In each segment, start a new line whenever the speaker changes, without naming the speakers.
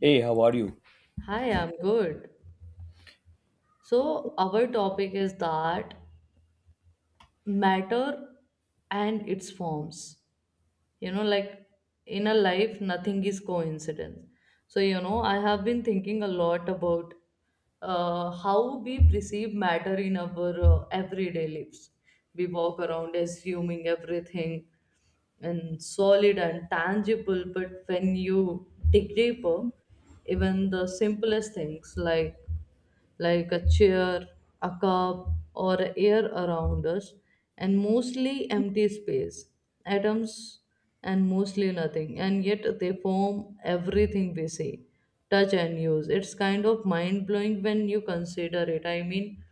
Hey, how are you?
Hi, I'm good. So, our topic is that matter and its forms. You know, like in a life, nothing is coincidence. So, you know, I have been thinking a lot about how we perceive matter in our everyday lives. We walk around assuming everything and solid and tangible, but when you dig deeper, even the simplest things like a chair, a cup, or air around us, and mostly empty space, atoms, and mostly nothing. And yet they form everything we see, touch, and use. It's kind of mind blowing when you consider it. I mean,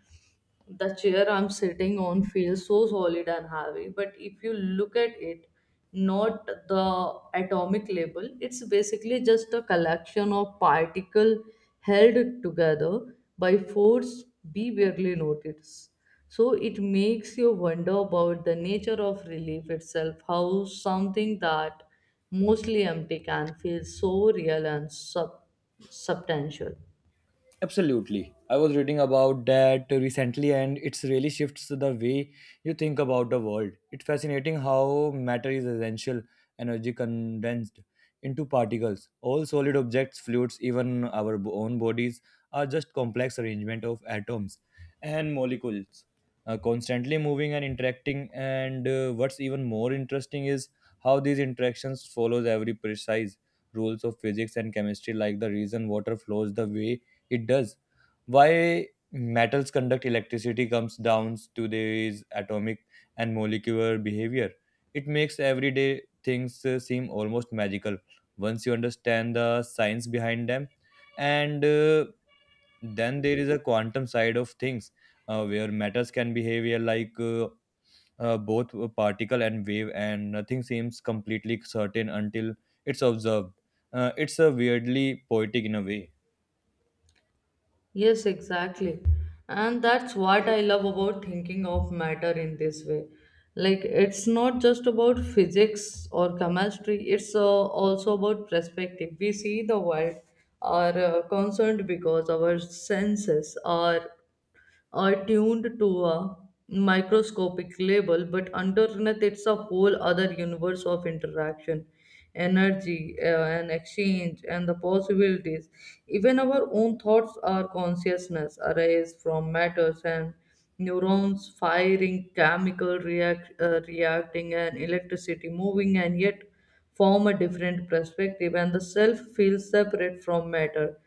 the chair I'm sitting on feels so solid and heavy, but if you look at it, not the atomic label, it's basically just a collection of particles held together by force we barely notice. So it makes you wonder about the nature of relief itself, how something that mostly empty can feel so real and substantial.
Absolutely. I was reading about that recently and it's really shifts the way you think about the world. It's fascinating how matter is essential energy condensed into particles. All solid objects, fluids, even our own bodies are just complex arrangement of atoms and molecules constantly moving and interacting, and what's even more interesting is how these interactions follows every precise rules of physics and chemistry, like the reason water flows the way it does. Why metals conduct electricity comes down to their atomic and molecular behavior. It makes everyday things seem almost magical once you understand the science behind them. And Then there is a quantum side of things, where matters can behave like both a particle and wave, and nothing seems completely certain until it's observed. It's a weirdly poetic in a way.
Yes, exactly. And that's what I love about thinking of matter in this way. Like, it's not just about physics or chemistry, it's also about perspective. We see the world are concerned because our senses are attuned to a microscopic level, but underneath it's a whole other universe of interaction, energy, and exchange, and the possibilities. Even our own thoughts are consciousness arise from matters and neurons firing, reacting, and electricity moving, and yet form a different perspective, and the self feels separate from matter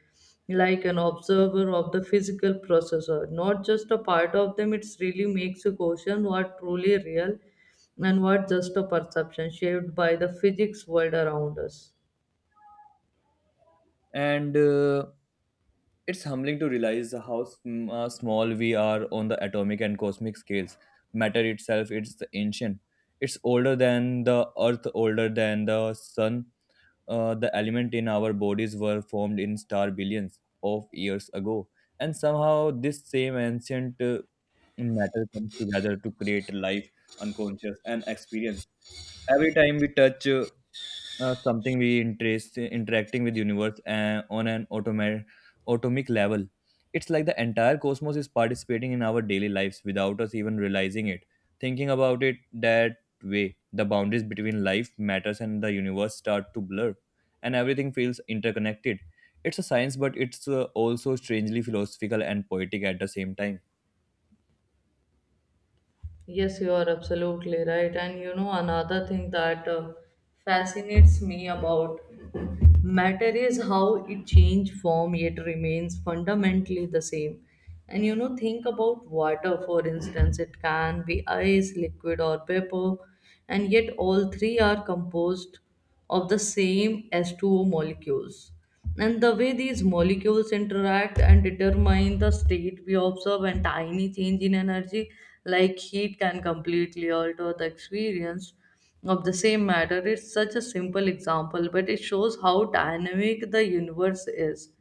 like an observer of the physical processor, not just a part of them. It really makes you question what truly real and what just a perception shaped by the physics world around us.
And It's humbling to realize how small we are on the atomic and cosmic scales. Matter itself, it's the ancient. It's older than the earth, older than the sun. The element in our bodies were formed in star billions of years ago. And somehow this same ancient matter comes together to create life, unconscious, and experience. Every time we touch something, we interest interacting with universe on an atomic level. It's like the entire cosmos is participating in our daily lives without us even realizing it. Thinking about it that way, the boundaries between life, matters and the universe start to blur, and everything feels interconnected. It's a science, but it's also strangely philosophical and poetic at the same time.
Yes, you are absolutely right. And you know, another thing that fascinates me about matter is how it changes form yet remains fundamentally the same. And you know, think about water, for instance, it can be ice, liquid, or paper and yet all three are composed of the same S 20 molecules. And the way these molecules interact and determine the state we observe, and tiny change in energy, like heat, can completely alter the experience of the same matter. It's such a simple example, but it shows how dynamic the universe is.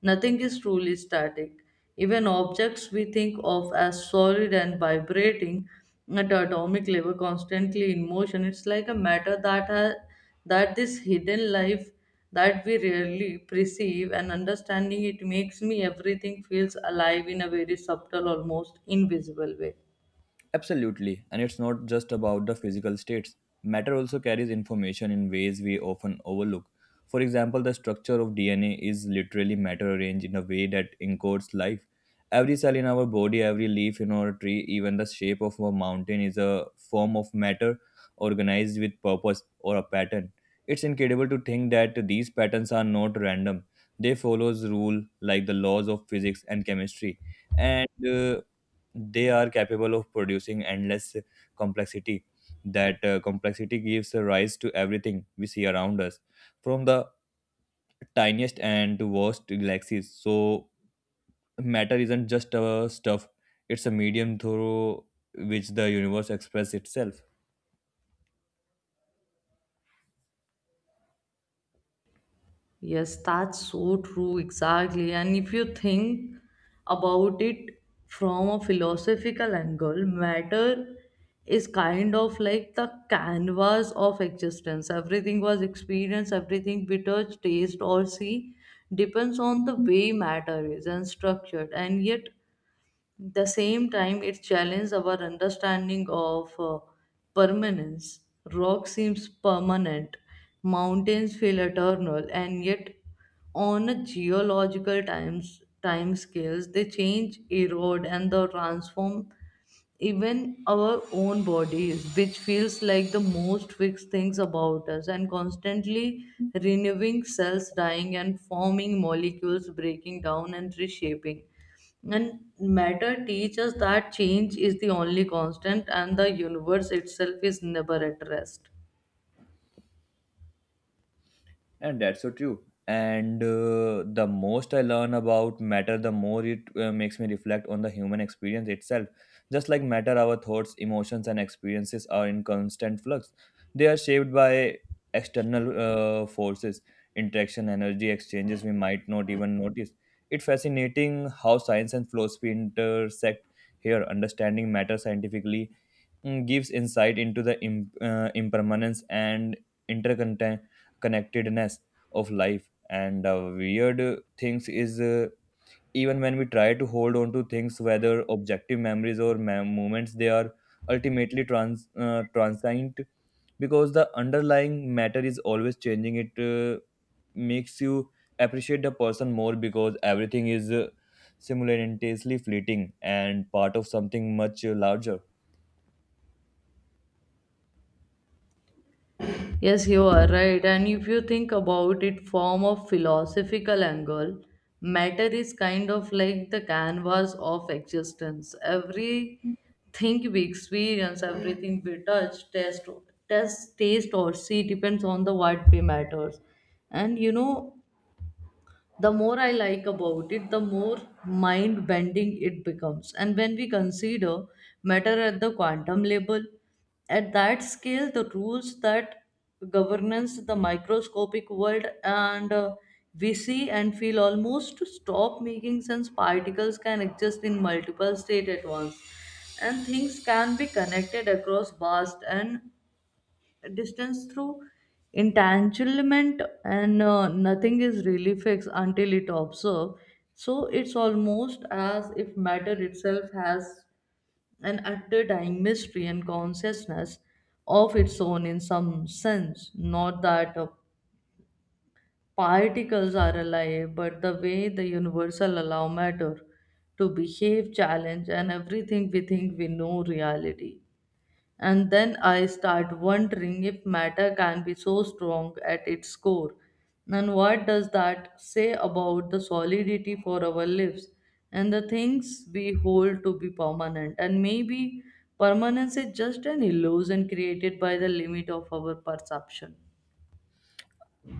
Nothing is truly static. Even objects we think of as solid and vibrating at atomic level, constantly in motion, it's like a matter that has that this hidden life that we rarely perceive and understanding it makes me everything feels alive in a very subtle, almost invisible way.
Absolutely, and it's not just about the physical states. Matter also carries information in ways we often overlook. For example, the structure of DNA is literally matter arranged in a way that encodes life. Every cell in our body, every leaf in our tree, even the shape of a mountain is a form of matter organized with purpose or a pattern. It's incredible to think that these patterns are not random. They follows rule like the laws of physics and chemistry, and they are capable of producing endless complexity. That complexity gives rise to everything we see around us, from the tiniest and worst galaxies. So matter isn't just a stuff, it's a medium through which the universe expresses itself.
Yes, that's so true, exactly. And if you think about it from a philosophical angle, matter is kind of like the canvas of existence. Everything was experienced, everything we touch, taste, or see depends on the way matter is and structured. And yet, the same time it challenges our understanding of permanence rock seems permanent mountains feel eternal and yet on a geological time scales they change erode and they transform even our own bodies, which feels like the most fixed things about us, and constantly renewing cells dying and forming molecules breaking down and reshaping. And matter teaches that change is the only constant and the universe itself is never at rest.
And that's so true. And The most I learn about matter, the more it makes me reflect on the human experience itself. Just like matter, our thoughts, emotions, and experiences are in constant flux. They are shaped by external forces, interaction, energy exchanges we might not even notice. It's fascinating how science and philosophy intersect here. Understanding matter scientifically gives insight into the impermanence and interconnectedness of life. And the weird things is, even when we try to hold on to things, whether objective memories or moments, they are ultimately transient because the underlying matter is always changing. It makes you appreciate the person more because everything is simultaneously fleeting and part of something much larger.
Yes, you are right. And if you think about it from a philosophical angle, matter is kind of like the canvas of existence. Everything we experience, everything we touch, taste or see depends on the what we matters. And you know, the more I like about it the more mind bending it becomes and when we consider matter at the quantum level at that scale the rules that governance the microscopic world and we see and feel almost stop making sense particles can exist in multiple states at once and things can be connected across vast and distance through entanglement and nothing is really fixed until it observed so it's almost as if matter itself has an underlying mystery and consciousness of its own in some sense not that particles are alive but the way the universal allow matter to behave challenge and everything we think we know reality and then I start wondering if matter can be so strong at its core. And what does that say about the solidity for our lives and the things we hold to be permanent? And maybe permanence is just an illusion created by the limit of our perception.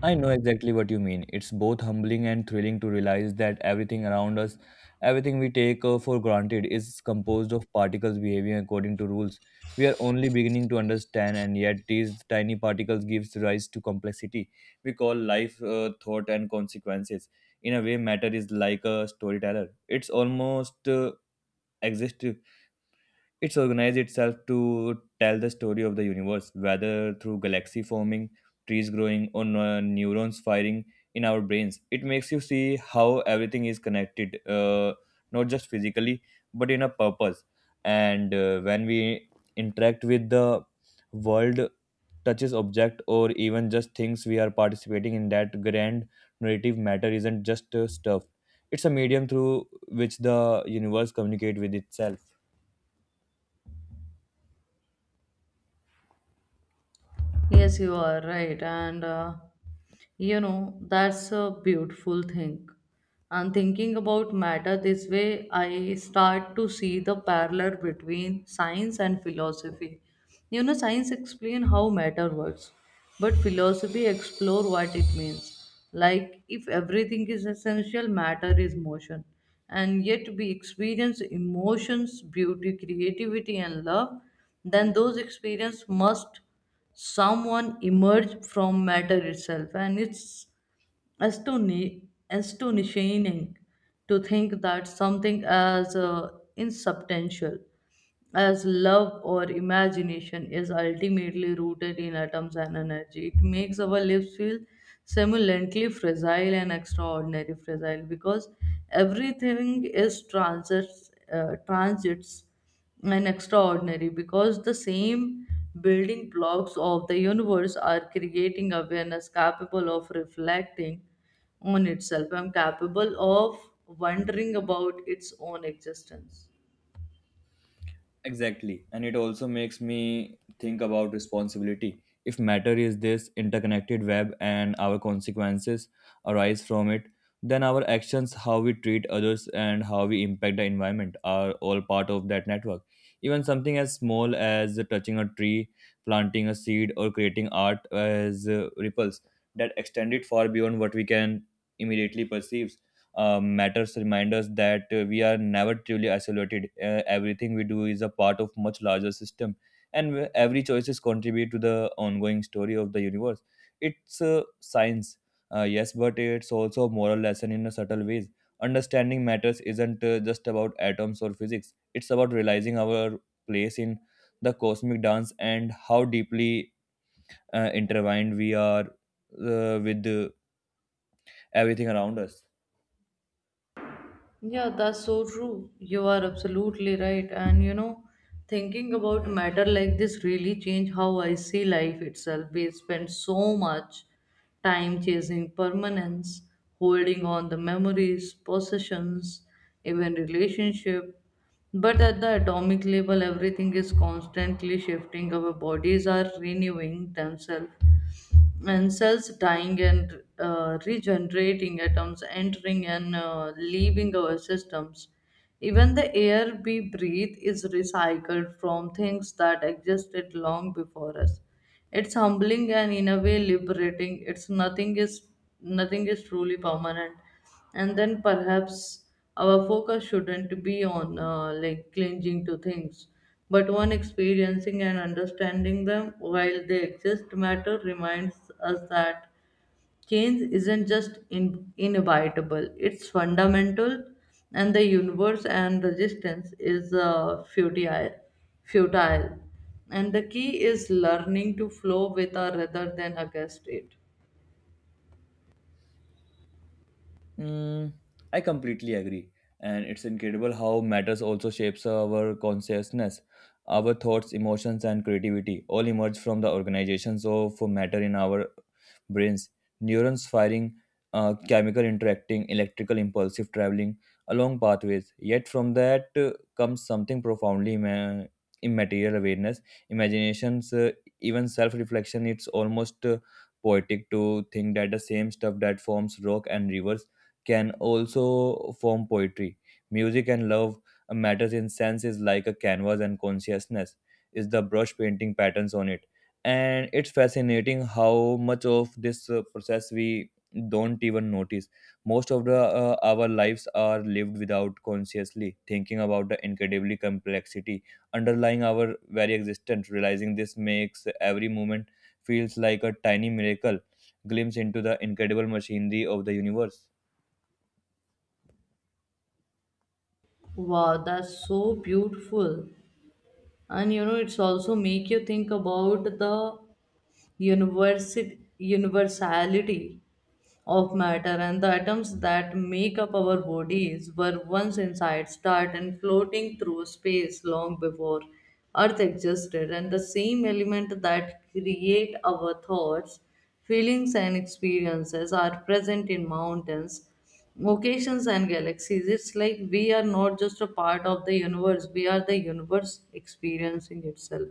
I know exactly what you mean. It's both humbling and thrilling to realize that everything around us, everything we take for granted, is composed of particles behaving according to rules. We are only beginning to understand, and yet these tiny particles gives rise to complexity we call life, thought, and consequences. In a way, matter is like a storyteller. It's almost exist It's organized itself to tell the story of the universe, whether through galaxy forming, trees growing, or neurons firing in our brains. It makes you see how everything is connected, not just physically, but in a purpose. And when we interact with the world, touches object, or even just things, we are participating in that grand narrative. Matter isn't just stuff; it's a medium through which the universe communicate with itself.
Yes, you are right. And you know, that's a beautiful thing. And thinking about matter this way, I start to see the parallel between science and philosophy. You know, science explain how matter works, but philosophy explore what it means. Like if everything is essential, matter is motion, and yet we experience emotions, beauty, creativity, and love. Then those experience must someone emerge from matter itself, and it's astonishing to think that something as insubstantial as love or imagination is ultimately rooted in atoms and energy. It makes our lives feel simultaneously fragile and extraordinary fragile because everything is transits and extraordinary because the same building blocks of the universe are creating awareness capable of reflecting on itself and capable of wondering about its own existence.
Exactly. And it also makes me think about responsibility. If matter is this interconnected web and our consequences arise from it, then our actions, how we treat others, and how we impact the environment are all part of that network. Even something as small as touching a tree, planting a seed, or creating art as ripples that extend it far beyond what we can immediately perceive. Matters remind us that we are never truly isolated. Everything we do is a part of much larger system, and every choices contribute to the ongoing story of the universe. It's science, yes, but it's also a moral lesson in a subtle ways. Understanding matters isn't just about atoms or physics. It's about realizing our place in the cosmic dance and how deeply intertwined we are with everything around us.
Yeah, that's so true. You are absolutely right. And you know, thinking about matter like this really changed how I see life itself. We spend so much time chasing permanence, holding on the memories, possessions, even relationship. But at the atomic level, everything is constantly shifting. Our bodies are renewing themselves when cells dying and regenerating atoms entering and leaving our systems even the air we breathe is recycled from things that existed long before us. It's humbling and in a way liberating. It's nothing is truly permanent. And then perhaps our focus shouldn't be on like clinging to things, but on experiencing and understanding them while they exist. Matter reminds us that Change isn't just inevitable, it's fundamental, and the universe and resistance is futile. And the key is learning to flow with her rather than against it.
Mm, I completely agree. And it's incredible how matters also shapes our consciousness. Our thoughts, emotions, and creativity all emerge from the organizations of matter in our brains. Neurons firing, chemical interacting, electrical impulsive traveling along pathways. Yet from that comes something profoundly immaterial awareness, imaginations, even self-reflection. It's almost poetic to think that the same stuff that forms rock and rivers can also form poetry. Music and love matters in sense is like a canvas, and consciousness is the brush painting patterns on it. And it's fascinating how much of this process we don't even notice. Most of the our lives are lived without consciously thinking about the incredibly complexity underlying our very existence. Realizing this makes every moment feels like a tiny miracle glimpse into the incredible machinery of the universe.
Wow, that's so beautiful. And you know, it's also make you think about the universality of matter and the atoms that make up our bodies were once inside, start and floating through space long before Earth existed, and the same element that create our thoughts, feelings, and experiences are present in mountains, oceans, and galaxies. It's like we are not just a part of the universe; we are the universe experiencing itself.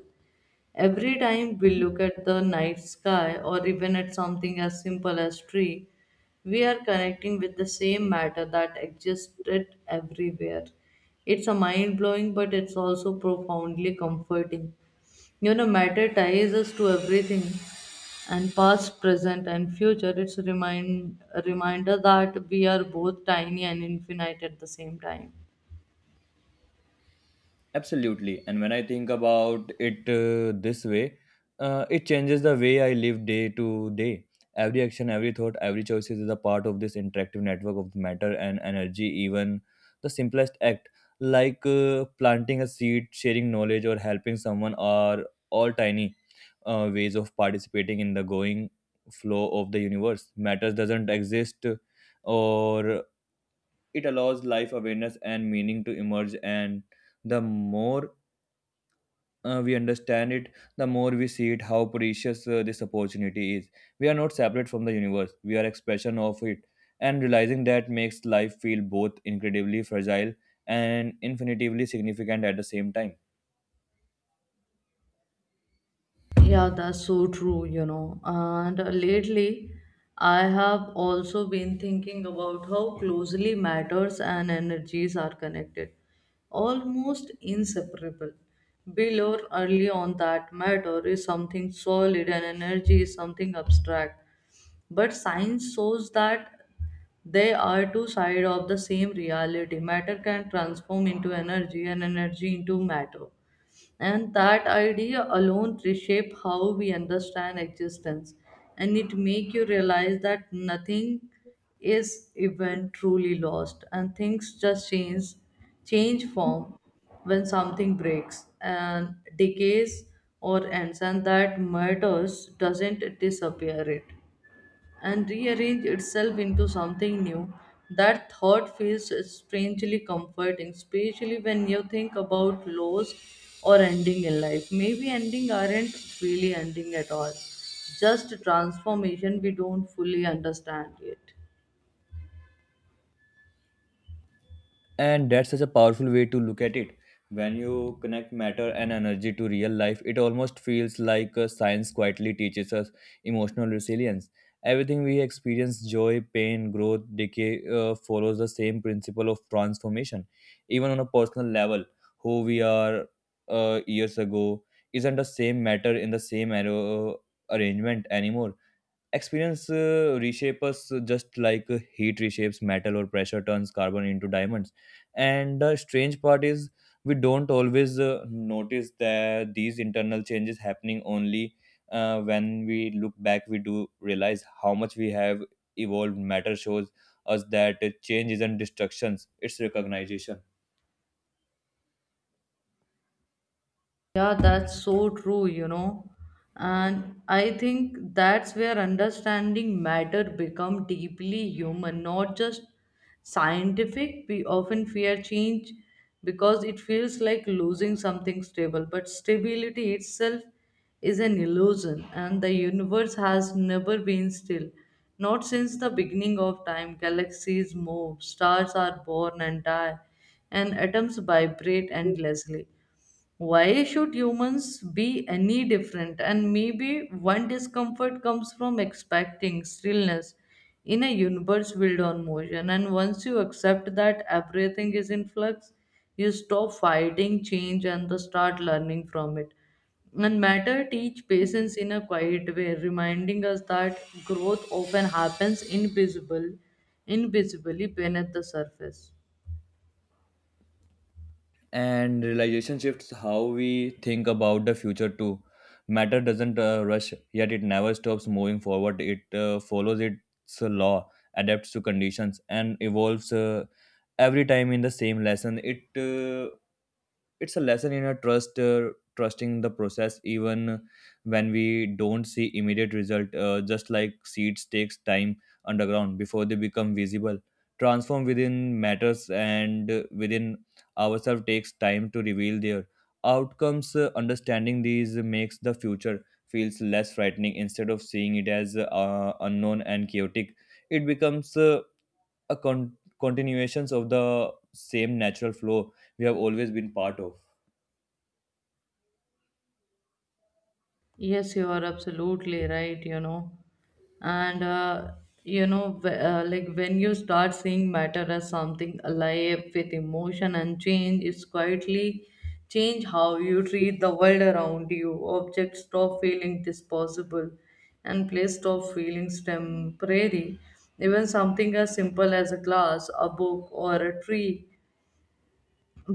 Every time we look at the night sky or even at something as simple as tree, we are connecting with the same matter that existed everywhere. It's a mind blowing but it's also profoundly comforting. You know, matter ties us to everything and past, present and future. It's a remind a reminder that we are both tiny and infinite at the same time.
Absolutely. And when I think about it this way, it changes the way I live day to day. Every action, every thought, every choice is a part of this interactive network of matter and energy. Even the simplest act, like planting a seed, sharing knowledge, or helping someone, are all tiny ways of participating in the going flow of the universe. Matters doesn't exist, or it allows life awareness and meaning to emerge. And the more we understand it, the more we see it, how precious this opportunity is. We are not separate from the universe, we are expression of it. And realizing that makes life feel both incredibly fragile and infinitively significant at the same time.
Yeah, that's so true, you know. And lately, I have also been thinking about how closely matters and energies are connected, almost inseparable. Below early on that matter is something solid and energy is something abstract. But science shows that they are two sides of the same reality. Matter can transform into energy and energy into matter. And that idea alone reshape how we understand existence. And it make you realize that nothing is even truly lost and things just change form when something breaks and decays or ends and that matters doesn't disappear it and rearrange itself into something new. That thought feels strangely comforting, especially when you think about loss or ending in life. Maybe ending aren't really ending at all, just transformation we don't fully understand yet.
And that's such a powerful way to look at it. When you connect matter and energy to real life, it almost feels like science quietly teaches us emotional resilience. Everything we experience, joy, pain, growth, decay, follows the same principle of transformation. Even on a personal level, who we are years ago isn't the same matter in the same arrow arrangement anymore. Experience reshape us, just like heat reshapes metal or pressure turns carbon into diamonds. And the strange part is, we don't always notice that these internal changes happening. Only when we look back we do realize how much we have evolved. Matter shows us that change isn't destructions, it's recognition.
Yeah, that's so true, you know. And I think that's where understanding matter become deeply human, not just scientific. We often fear change because it feels like losing something stable, but stability itself is an illusion, and the universe has never been still. Not since the beginning of time, galaxies move, stars are born and die, and atoms vibrate endlessly. Why should humans be any different? And maybe one discomfort comes from expecting stillness in a universe built on motion. And once you accept that everything is in flux, you stop fighting change and the start learning from it. And matter teach patience in a quiet way, reminding us that growth often happens invisibly beneath the surface.
And realization shifts how we think about the future too. Matter doesn't rush, yet it never stops moving forward. It follows its law, adapts to conditions, and evolves. Every time in the same lesson, it's a lesson in a trust, trusting the process even when we don't see immediate result. Just like seeds takes time underground before they become visible, transform within matters and within ourselves takes time to reveal their outcomes. Understanding these makes the future feels less frightening. Instead of seeing it as unknown and chaotic, it becomes a continuations of the same natural flow we have always been part of.
Yes, you are absolutely right, you know. And, you know, like when you start seeing matter as something alive with emotion and change, it's quietly change how you treat the world around you. Objects stop feeling disposable and place stop feeling temporary. Even something as simple as a glass, a book, or a tree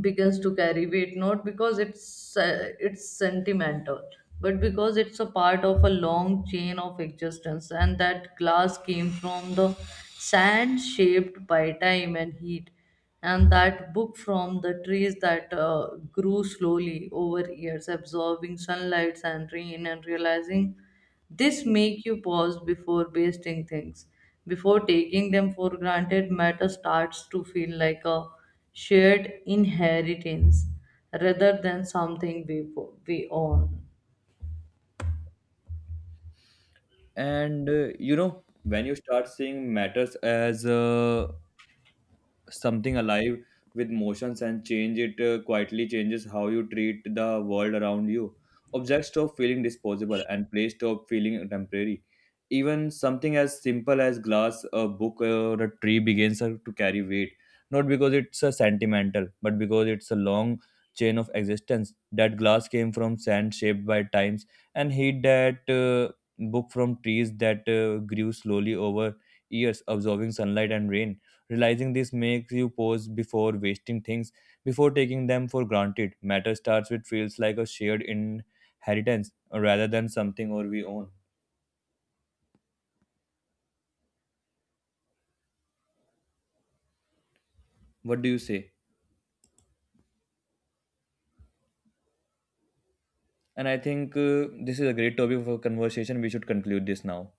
begins to carry weight not because it's sentimental but because it's a part of a long chain of existence and that glass came from the sand shaped by time and heat and that book from the trees that grew slowly over years absorbing sunlight and rain and realizing this make you pause before wasting things, before taking them for granted. Matter starts to feel like a shared inheritance rather than something we own.
And you know, when you start seeing matters as something alive with motions and change, it quietly changes how you treat the world around you. Objects stop feeling disposable and place stop feeling temporary. Even something as simple as glass, a book, or a tree begins to carry weight, not because it's a sentimental, but because it's a long chain of existence. That glass came from sand shaped by times, and heat. That book from trees that grew slowly over years, absorbing sunlight and rain. Realizing this makes you pause before wasting things, before taking them for granted. Matter starts with feels like a shared inheritance rather than something or we own. What do you say? And I think this is a great topic for conversation. We should conclude this now.